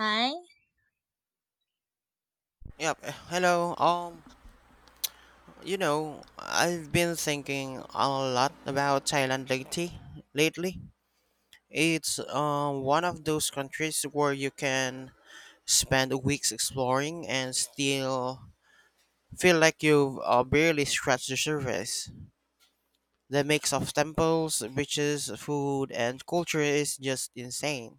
Hi. Yep. Hello. I've been thinking a lot about Thailand lately. Lately, it's one of those countries where you can spend weeks exploring and still feel like you've barely scratched the surface. The mix of temples, beaches, food, and culture is just insane.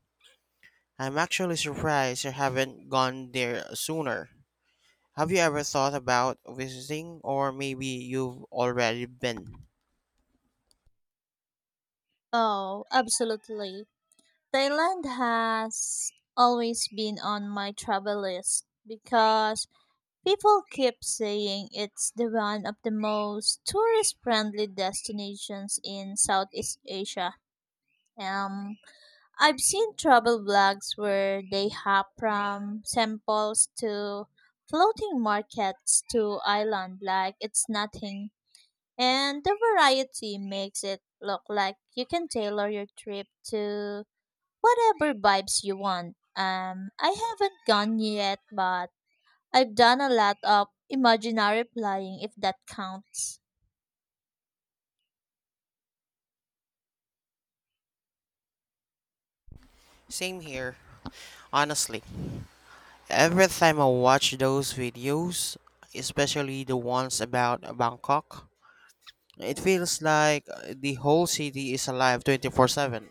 I'm actually surprised I haven't gone there sooner. Have you ever thought about visiting, or maybe you've already been? Oh, absolutely. Thailand has always been on my travel list because people keep saying it's the one of the most tourist friendly destinations in Southeast Asia. Um, I've seen travel vlogs where they hop from samples to floating markets to island like it's nothing. And the variety makes it look like you can tailor your trip to whatever vibes you want. I haven't gone yet, but I've done a lot of imaginary flying if that counts. Same here, honestly. Every time I watch those videos, especially the ones about Bangkok, it feels like the whole city is alive 24/7.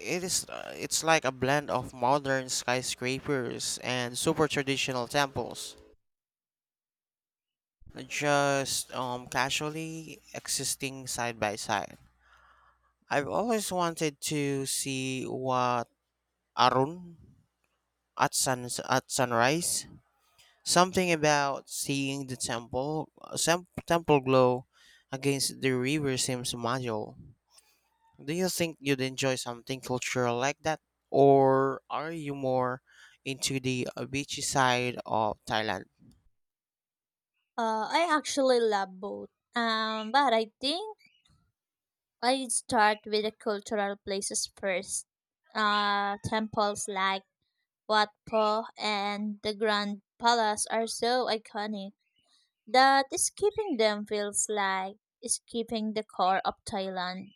It is it's like a blend of modern skyscrapers and super traditional temples, just casually existing side by side. I've always wanted to see what Arun at sunrise. Something about seeing the temple glow against the river seems magical. Do you think you'd enjoy something cultural like that, or are you more into the beachy side of Thailand? I actually love both. But I think I start with the cultural places first. Temples like Wat Po and the Grand Palace are so iconic that skipping them feels like skipping the core of Thailand.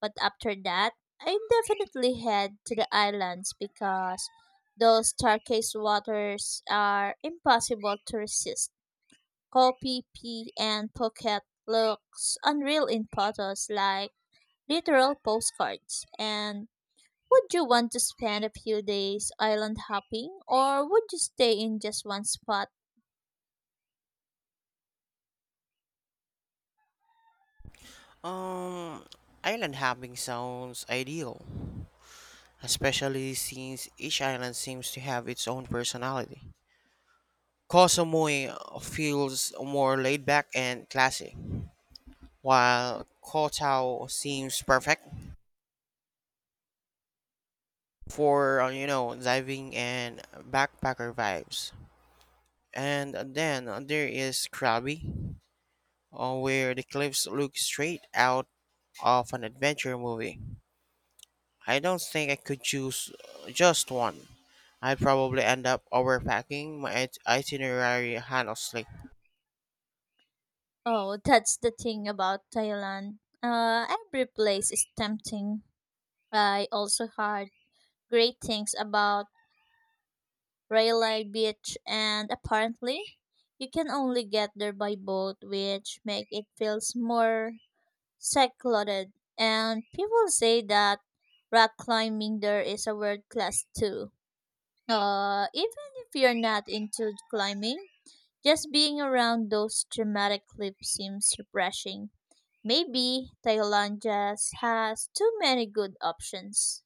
But after that, I definitely head to the islands because those turquoise waters are impossible to resist. Kopi, P, and Phuket looks unreal in photos, like literal postcards. And would you want to spend a few days island hopping or would you stay in just one spot? Um, Island hopping sounds ideal, especially since each island seems to have its own personality. Koh Samui feels more laid back and classy, while Koh seems perfect for, diving and backpacker vibes. And then there is Krabi, where the cliffs look straight out of an adventure movie. I don't think I could choose just one. I'd probably end up overpacking my itinerary, honestly. Oh, that's the thing about Thailand. Every place is tempting. I also heard great things about Rayleigh Beach, and apparently, you can only get there by boat, which make it feels more secluded. And people say that rock climbing there is a world class too. Even if you're not into climbing, just being around those dramatic clips seems refreshing. Maybe Thailand just has too many good options.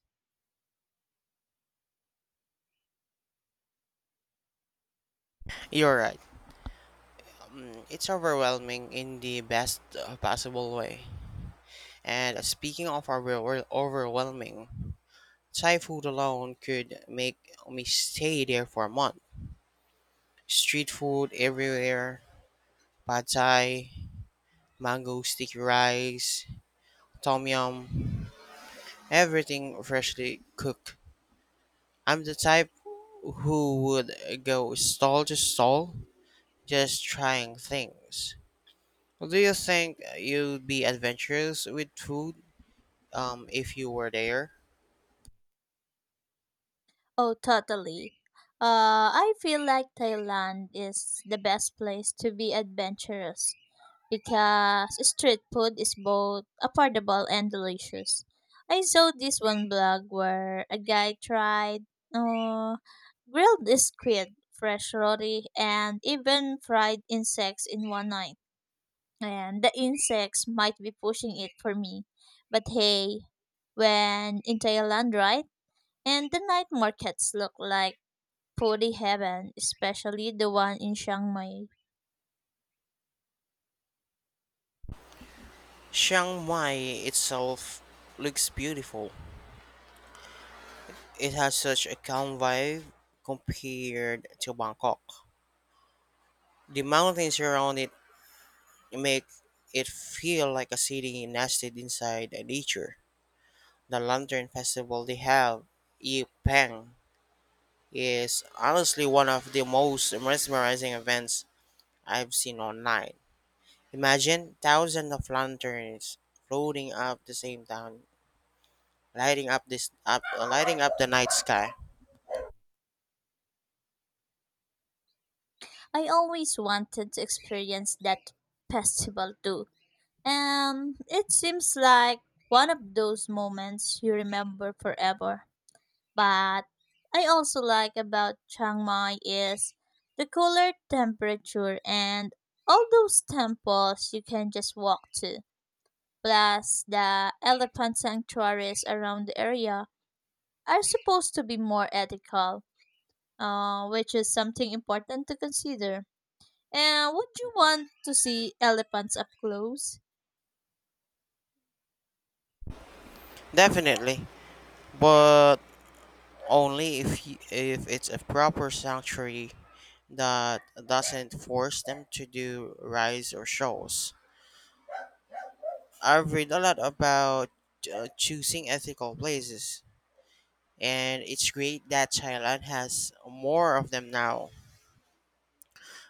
You're right. It's overwhelming in the best possible way. And speaking of overwhelming, Thai food alone could make me stay there for a month. Street food everywhere, pad thai, mango sticky rice, tom yum, everything freshly cooked. I'm the type who would go stall to stall just trying things. Do you think you'd be adventurous with food if you were there? Oh, totally. I feel like Thailand is the best place to be adventurous because street food is both affordable and delicious. I saw this one blog where a guy tried uh, grilled squid, fresh roti, and even fried insects in one night. And the insects might be pushing it for me. But hey, when in Thailand, right? And the night markets look like puri heaven, especially the one in Chiang Mai. Chiang Mai itself looks beautiful. It has such a calm vibe compared to Bangkok. The mountains around it make it feel like a city nested inside nature. The Lantern Festival they have, Yi Peng, is honestly one of the most mesmerizing events I've seen online. Imagine thousands of lanterns floating up the same town, lighting up the night sky. I always wanted to experience that festival too. It seems like one of those moments you remember forever. But I also like about Chiang Mai is the cooler temperature and all those temples you can just walk to. Plus, the elephant sanctuaries around the area are supposed to be more ethical, which is something important to consider. And would you want to see elephants up close? Definitely, but only if it's a proper sanctuary that doesn't force them to do rides or shows. I've read a lot about choosing ethical places, and it's great that Thailand has more of them now.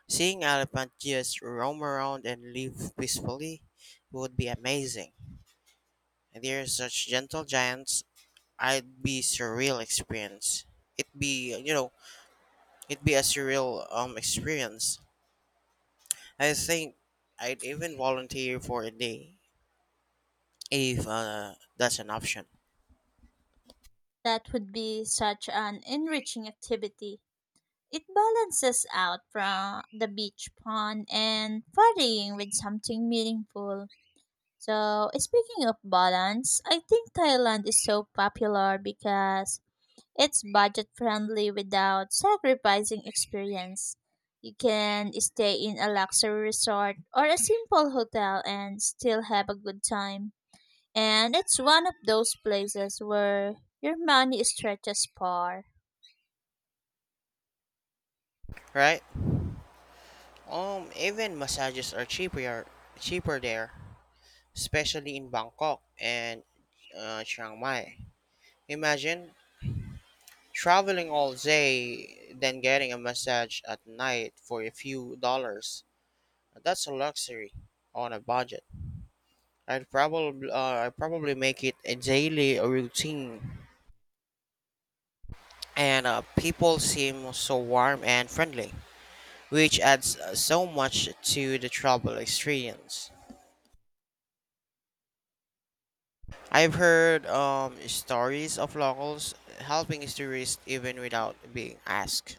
Seeing elephant just roam around and live peacefully would be amazing. They're such gentle giants. I'd be surreal experience. It'd be you know it'd be a surreal experience. I think I'd even volunteer for a day if that's an option, That would be such an enriching activity. It balances out from the beach pond and partying with something meaningful. So, speaking of balance, I think Thailand is so popular because it's budget friendly without sacrificing experience. You can stay in a luxury resort or a simple hotel and still have a good time. And it's one of those places where your money stretches far. right? Even massages are cheaper there, especially in Bangkok and Chiang Mai. Imagine traveling all day, then getting a massage at night for a few dollars. That's a luxury on a budget. I probably make it a daily routine, and people seem so warm and friendly, which adds so much to the travel experience. I've heard stories of locals helping tourists even without being asked.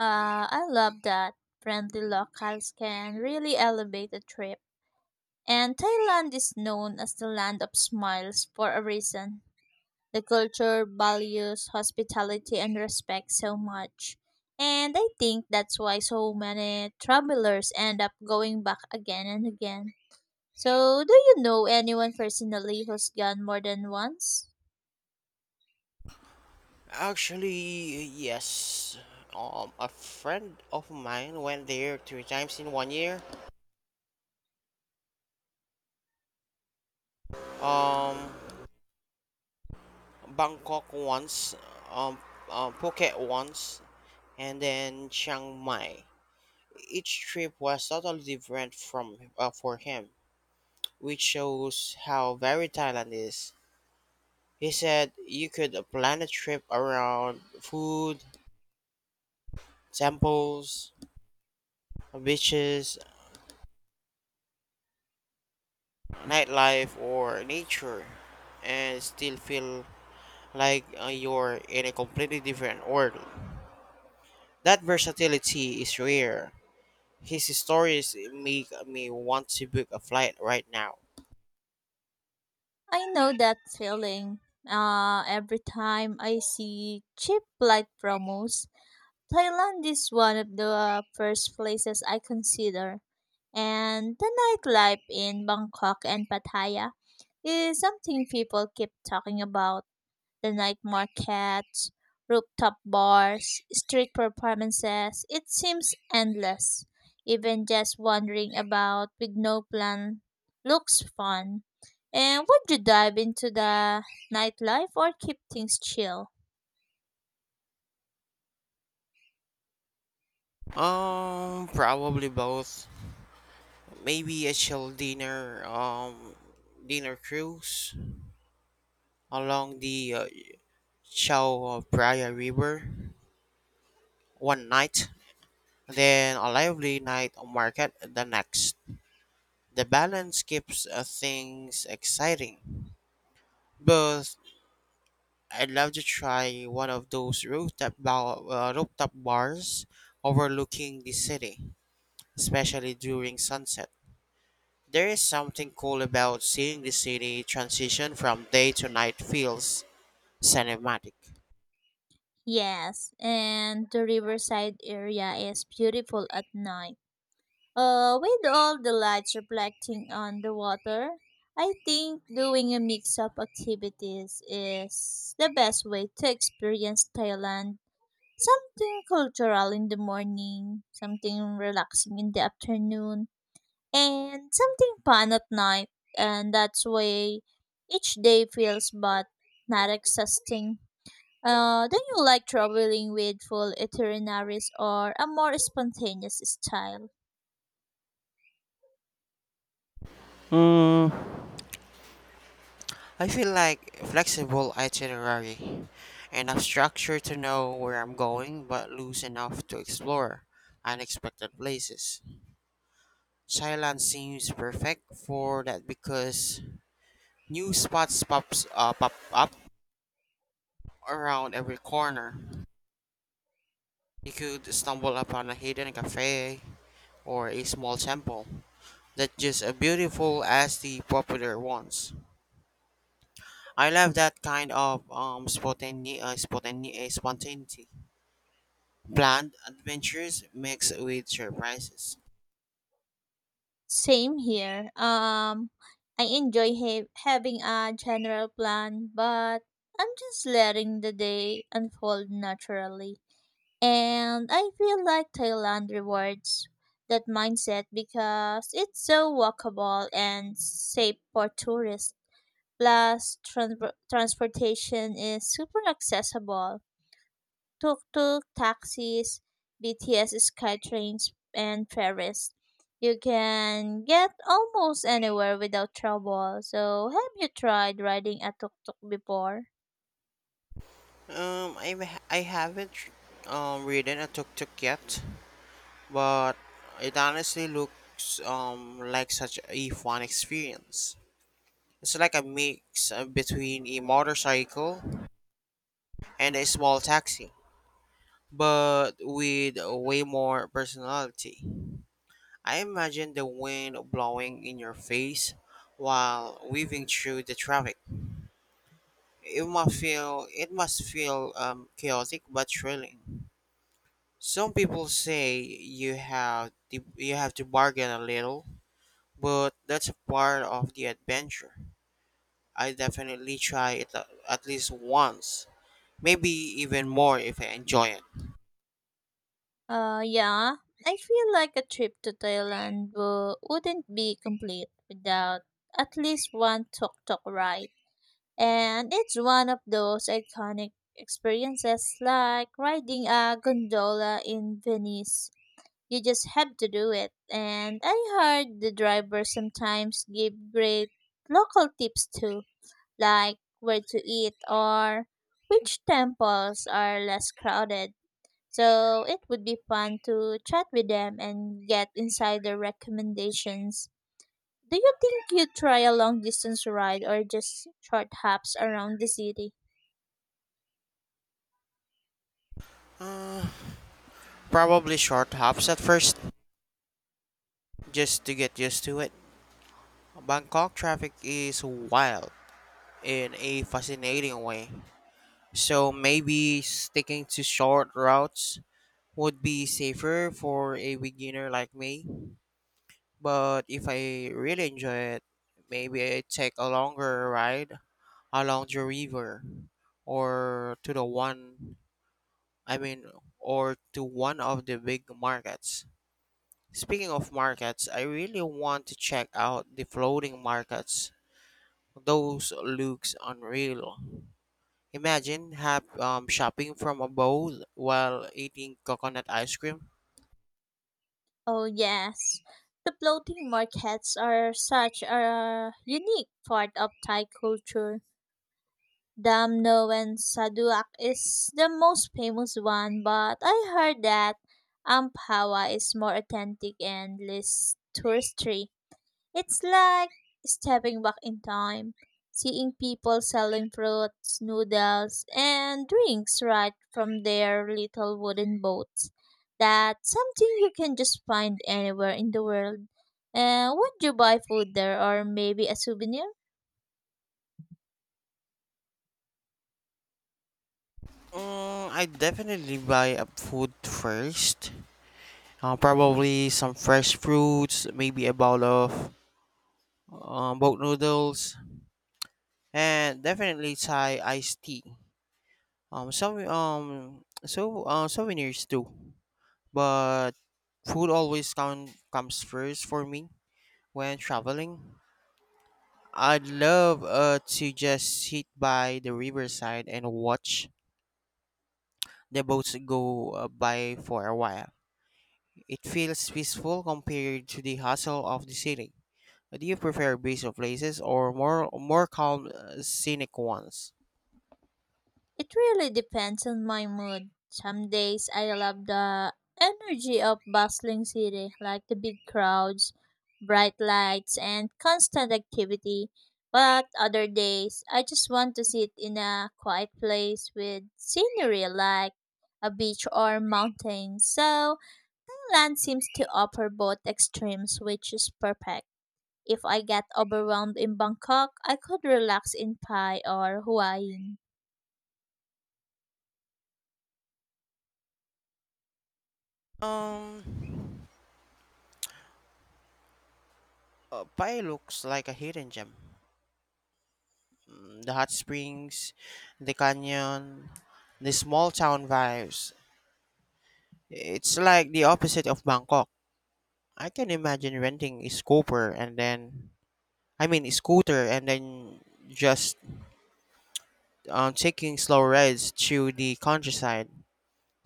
I love that. Friendly locals can really elevate a trip. And Thailand is known as the land of smiles for a reason. The culture values hospitality and respect so much. And I think that's why so many travelers end up going back again and again. So, do you know anyone personally who's gone more than once? Actually, yes. A friend of mine went there three times in 1 year. Um, Bangkok once, um, Phuket once, and then Chiang Mai. Each trip was totally different from for him, which shows how varied Thailand is. He said you could plan a trip around food, temples, beaches, nightlife, or nature, and still feel like you're in a completely different world. That versatility is rare. His stories make me want to book a flight right now. I know that feeling. Every time I see cheap flight promos, Thailand is one of the first places I consider, and the nightlife in Bangkok and Pattaya is something people keep talking about. The night markets, rooftop bars, street performances, it seems endless. Even just wandering about with no plan looks fun. And would you dive into the nightlife or keep things chill? Probably both. Maybe a chill dinner, dinner cruise along the Chao Phraya River one night, then a lively night market the next. The balance keeps things exciting. But I'd love to try one of those rooftop bars overlooking the city, especially during sunset. There is something cool about seeing the city transition from day to night. Feels cinematic. Yes, and the riverside area is beautiful at night. With all the lights reflecting on the water, I think doing a mix of activities is the best way to experience Thailand. Something cultural in the morning, something relaxing in the afternoon, and something fun at night. And that's way each day feels but not exhausting. Do you like traveling with full itineraries or a more spontaneous style? I feel like flexible itinerary, enough structure to know where I'm going, but loose enough to explore unexpected places. Thailand seems perfect for that because new spots pops pop up around every corner. You could stumble upon a hidden cafe or a small temple that's just as beautiful as the popular ones. I love that kind of spontaneity. Planned adventures mixed with surprises. Same here. I enjoy having a general plan, but I'm just letting the day unfold naturally. And I feel like Thailand rewards that mindset because it's so walkable and safe for tourists. Plus, transportation is super accessible: tuk-tuk taxis, BTS SkyTrains, and ferries. You can get almost anywhere without trouble. So, have you tried riding a tuk-tuk before? I haven't ridden a tuk tuk yet, but it honestly looks like such a fun experience. It's like a mix between a motorcycle and a small taxi, but with way more personality. I imagine the wind blowing in your face while weaving through the traffic. It must feel chaotic but thrilling. Some people say you have to bargain a little, but that's a part of the adventure. I definitely try it at least once, maybe even more if I enjoy it. Yeah. I feel like a trip to Thailand wouldn't be complete without at least one tuk-tuk ride. And it's one of those iconic experiences, like riding a gondola in Venice. You just have to do it. And I heard the drivers sometimes give great local tips too, like where to eat or which temples are less crowded. So it would be fun to chat with them and get insider recommendations. Do you think you'd try a long distance ride or just short hops around the city? Probably short hops at first just to get used to it. Bangkok traffic is wild in a fascinating way. So maybe sticking to short routes would be safer for a beginner like me. But if I really enjoy it, maybe I take a longer ride along the river or to the one I mean or to one of the big markets. Speaking of markets, I really want to check out the floating markets. Those looks unreal. Imagine have shopping from a boat while eating coconut ice cream. Oh, yes. The floating markets are such a unique part of Thai culture. Damno and Saduak is the most famous one, but I heard that Amphawa is more authentic and less touristy. It's like stepping back in time, seeing people selling fruits, noodles, and drinks right from their little wooden boats. That's something you can just find anywhere in the world. Would you buy food there or maybe a souvenir? I definitely buy up food first. Probably some fresh fruits, maybe a bowl of boat noodles, and definitely Thai iced tea. Some so Souvenirs too, but food always comes first for me when traveling. I'd love to just sit by the riverside and watch the boats go by for a while. It feels peaceful compared to the hustle of the city. Do you prefer busy places or more calm, scenic ones? It really depends on my mood. Some days I love the energy of bustling city, like the big crowds, bright lights, and constant activity. But other days, I just want to sit in a quiet place with scenery like a beach or mountain. So, land seems to offer both extremes, which is perfect. If I get overwhelmed in Bangkok, I could relax in Pai or Hawaii. Um, Pai looks like a hidden gem. The hot springs, the canyon, the small town vibes. It's like the opposite of Bangkok. I can imagine renting a scooter and then just taking slow rides to the countryside,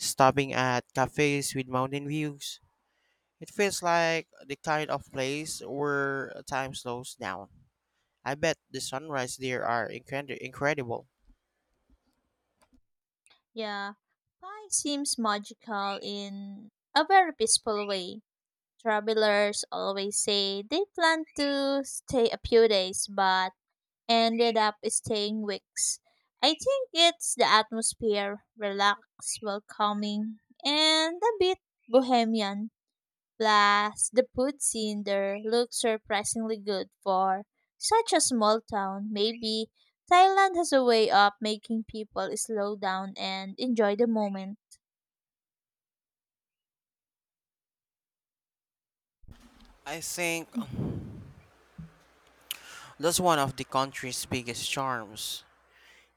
stopping at cafes with mountain views. It feels like the kind of place where time slows down. I bet the sunrise there are incredible. Yeah, pie seems magical in a very peaceful way. Travelers always say they plan to stay a few days but ended up staying weeks. I think it's the atmosphere, relaxed, welcoming, and a bit bohemian. Plus, the food scene there looks surprisingly good for such a small town. Maybe Thailand has a way of making people slow down and enjoy the moment. I think that's one of the country's biggest charms.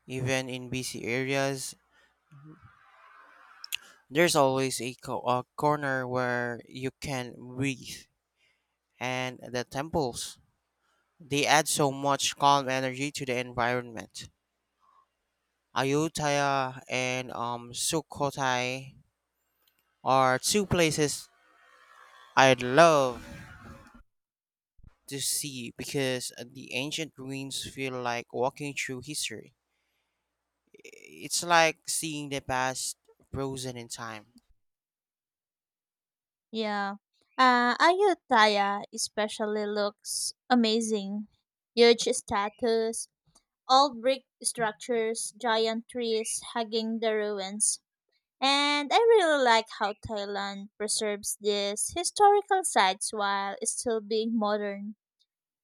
Even in busy areas, there's always a corner where you can breathe, and the temples. They add so much calm energy to the environment. Ayutthaya and Sukhothai are two places I'd love to see because the ancient ruins feel like walking through history. It's like seeing the past frozen in time. Yeah. Ayutthaya especially looks amazing. Huge statues, old brick structures, giant trees hugging the ruins. And I really like how Thailand preserves these historical sites while still being modern.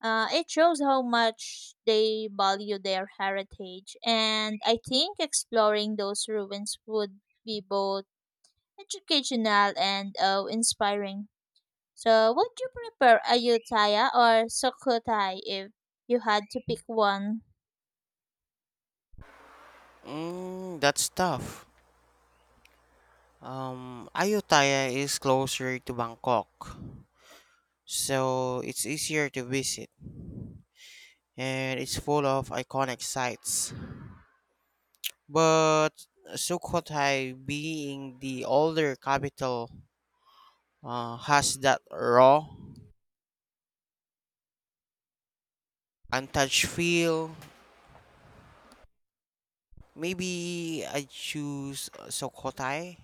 It shows how much they value their heritage, and I think exploring those ruins would be both educational and inspiring. So, would you prefer Ayutthaya or Sukhothai if you had to pick one? That's tough. Ayutthaya is closer to Bangkok, so it's easier to visit, and it's full of iconic sites. But Sukhothai, being the older capital, has that raw untouched feel. Maybe I choose Sokotai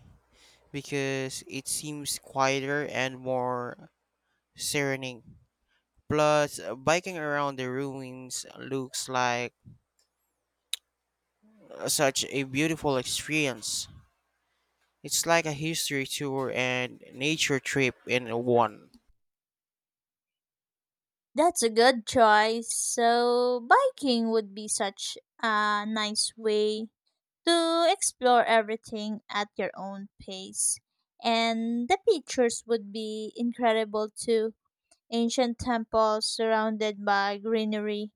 because it seems quieter and more serening. Plus, biking around the ruins looks like such a beautiful experience. It's like a history tour and nature trip in one. That's a good choice. So, biking would be such a nice way to explore everything at your own pace and the pictures would be incredible too. Ancient temples surrounded by greenery.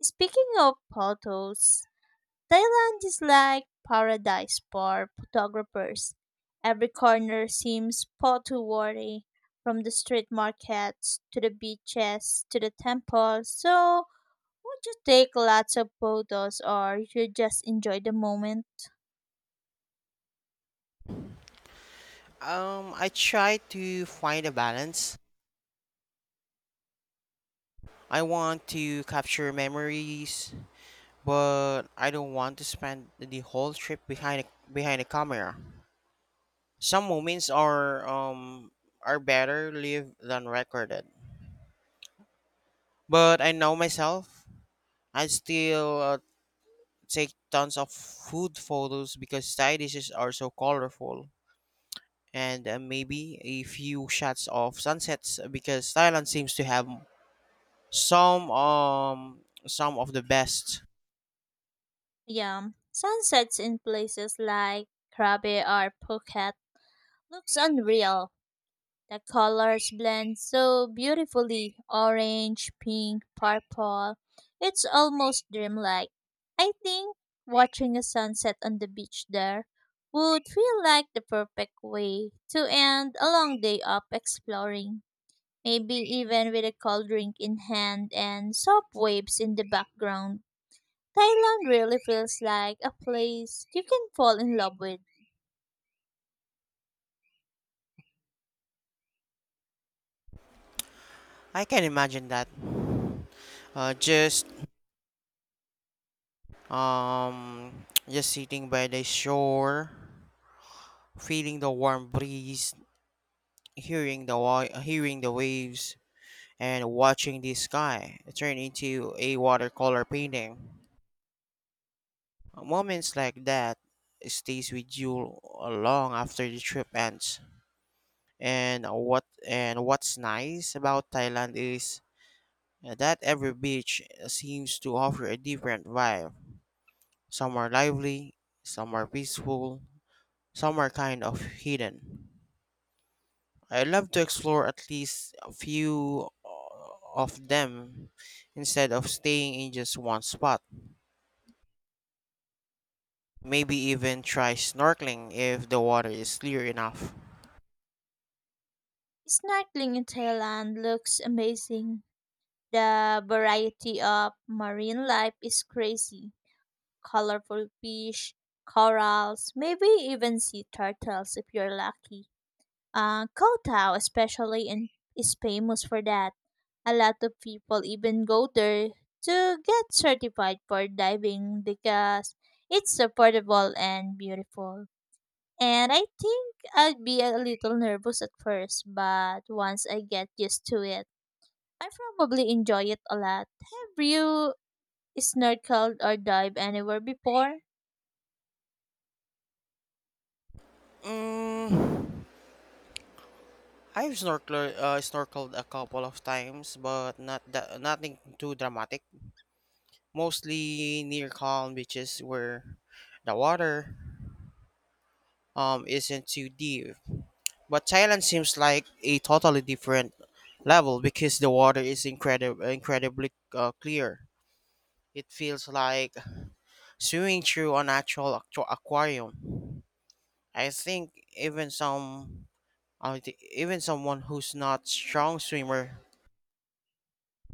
Speaking of photos, Thailand is like paradise for photographers. Every corner seems photo worthy, from the street markets to the beaches to the temples. So, would you take lots of photos or you just enjoy the moment? I try to find a balance. I want to capture memories, but I don't want to spend the whole trip behind a camera. Some moments are better lived than recorded. But I know myself. I still take tons of food photos because Thai dishes are so colorful. And maybe a few shots of sunsets because Thailand seems to have some um some of the best. Yeah, sunsets in places like Krabi or Phuket looks unreal. The colors blend so beautifully: orange, pink, purple. It's almost dreamlike. I think watching a sunset on the beach there would feel like the perfect way to end a long day of exploring. Maybe even with a cold drink in hand and soft waves in the background. Thailand really feels like a place you can fall in love with. I can imagine that. Just um just sitting by the shore, feeling the warm breeze, hearing the waves, and watching the sky turn into a watercolor painting. Moments like that stays with you long after the trip ends. And what's nice about Thailand is that every beach seems to offer a different vibe. Some are lively, some are peaceful, some are kind of hidden. I love to explore at least a few of them instead of staying in just one spot. Maybe even try snorkeling if the water is clear enough. Snorkeling in Thailand looks amazing. The variety of marine life is crazy. Colorful fish, corals, maybe even sea turtles if you're lucky. Koh Tao especially in, is famous for that. A lot of people even go there to get certified for diving because it's affordable and beautiful. And I think I'd be a little nervous at first, but once I get used to it, I probably enjoy it a lot. Have you snorkeled or dived anywhere before? Mm, I've snorkeled a couple of times, but nothing too dramatic. Mostly near calm beaches where the water isn't too deep. But Thailand seems like a totally different level because the water is incredibly clear. It feels like swimming through an actual aquarium. I think even someone who's not strong swimmer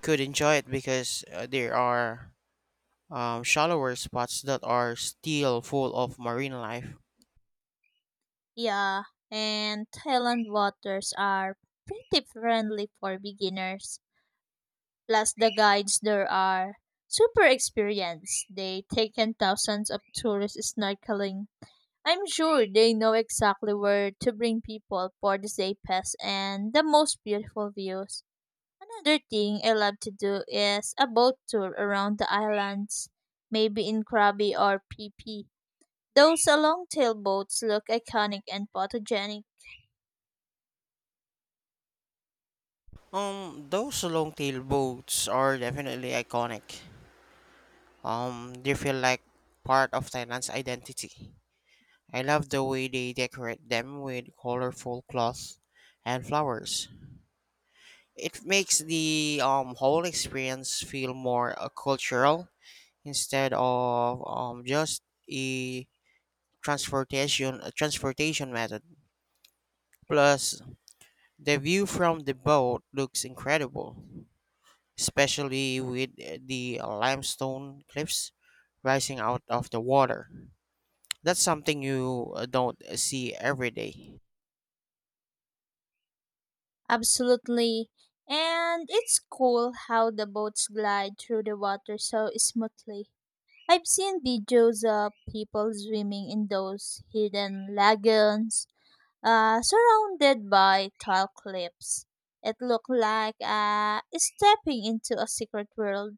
could enjoy it because there are shallower spots that are still full of marine life. Yeah, and Thailand waters are pretty friendly for beginners. Plus, the guides there are super experienced. They take in thousands of tourists snorkeling. I'm sure they know exactly where to bring people for the safest and the most beautiful views. Another thing I love to do is a boat tour around the islands, maybe in Krabi or PP. Those long tail boats look iconic and photogenic. Those long-tail boats are definitely iconic. They feel like part of Thailand's identity. I love the way they decorate them with colorful cloths and flowers. It makes the whole experience feel more cultural instead of just a transportation method. Plus, the view from the boat looks incredible, especially with the limestone cliffs rising out of the water. That's something you don't see every day. Absolutely. And it's cool how the boats glide through the water so smoothly. I've seen videos of people swimming in those hidden lagoons surrounded by tall cliffs. It looked like stepping into a secret world.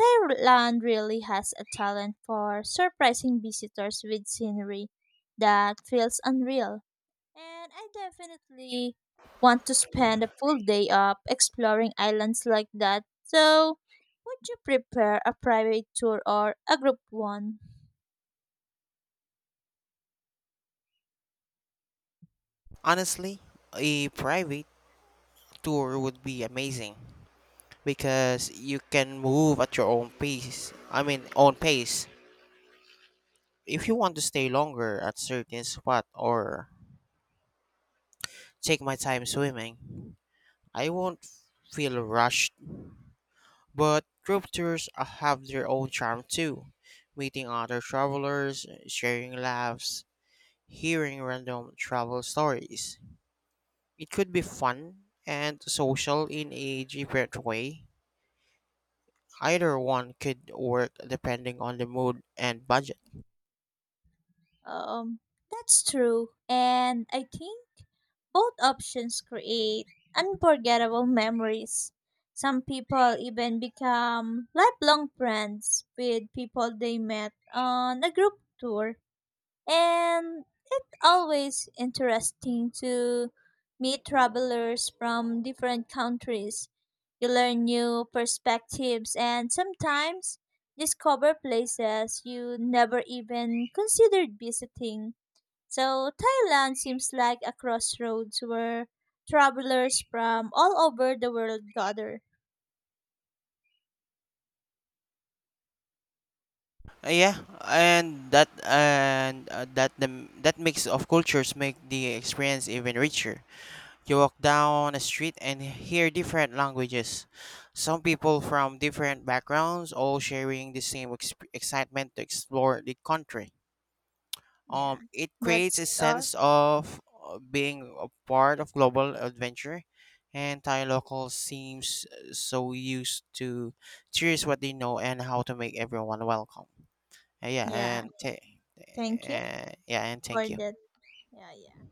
Thailand really has a talent for surprising visitors with scenery that feels unreal. And I definitely want to spend a full day up exploring islands like that. So, would you prepare a private tour or a group one? Honestly, a private tour would be amazing because you can move at your own pace. If you want to stay longer at certain spot or take my time swimming, I won't feel rushed. But group tours have their own charm too. Meeting other travelers, sharing laughs, hearing random travel stories, it could be fun and social in a different way. Either one could work depending on the mood and budget. Um, that's true. And I think both options create unforgettable memories. Some people even become lifelong friends with people they met on a group tour. And it's always interesting to meet travelers from different countries. You learn new perspectives and sometimes discover places you never even considered visiting. So, Thailand seems like a crossroads where travelers from all over the world gather. Yeah, and that mix of cultures make the experience even richer. You walk down a street and hear different languages. Some people from different backgrounds all sharing the same excitement to explore the country. Yeah, It creates a that's all. sense of being a part of global adventure, and Thai locals seems so used to cheers what they know and how to make everyone welcome. Uh, yeah, Yeah, and ta- thank you yeah, and for thank you. that. Yeah, yeah.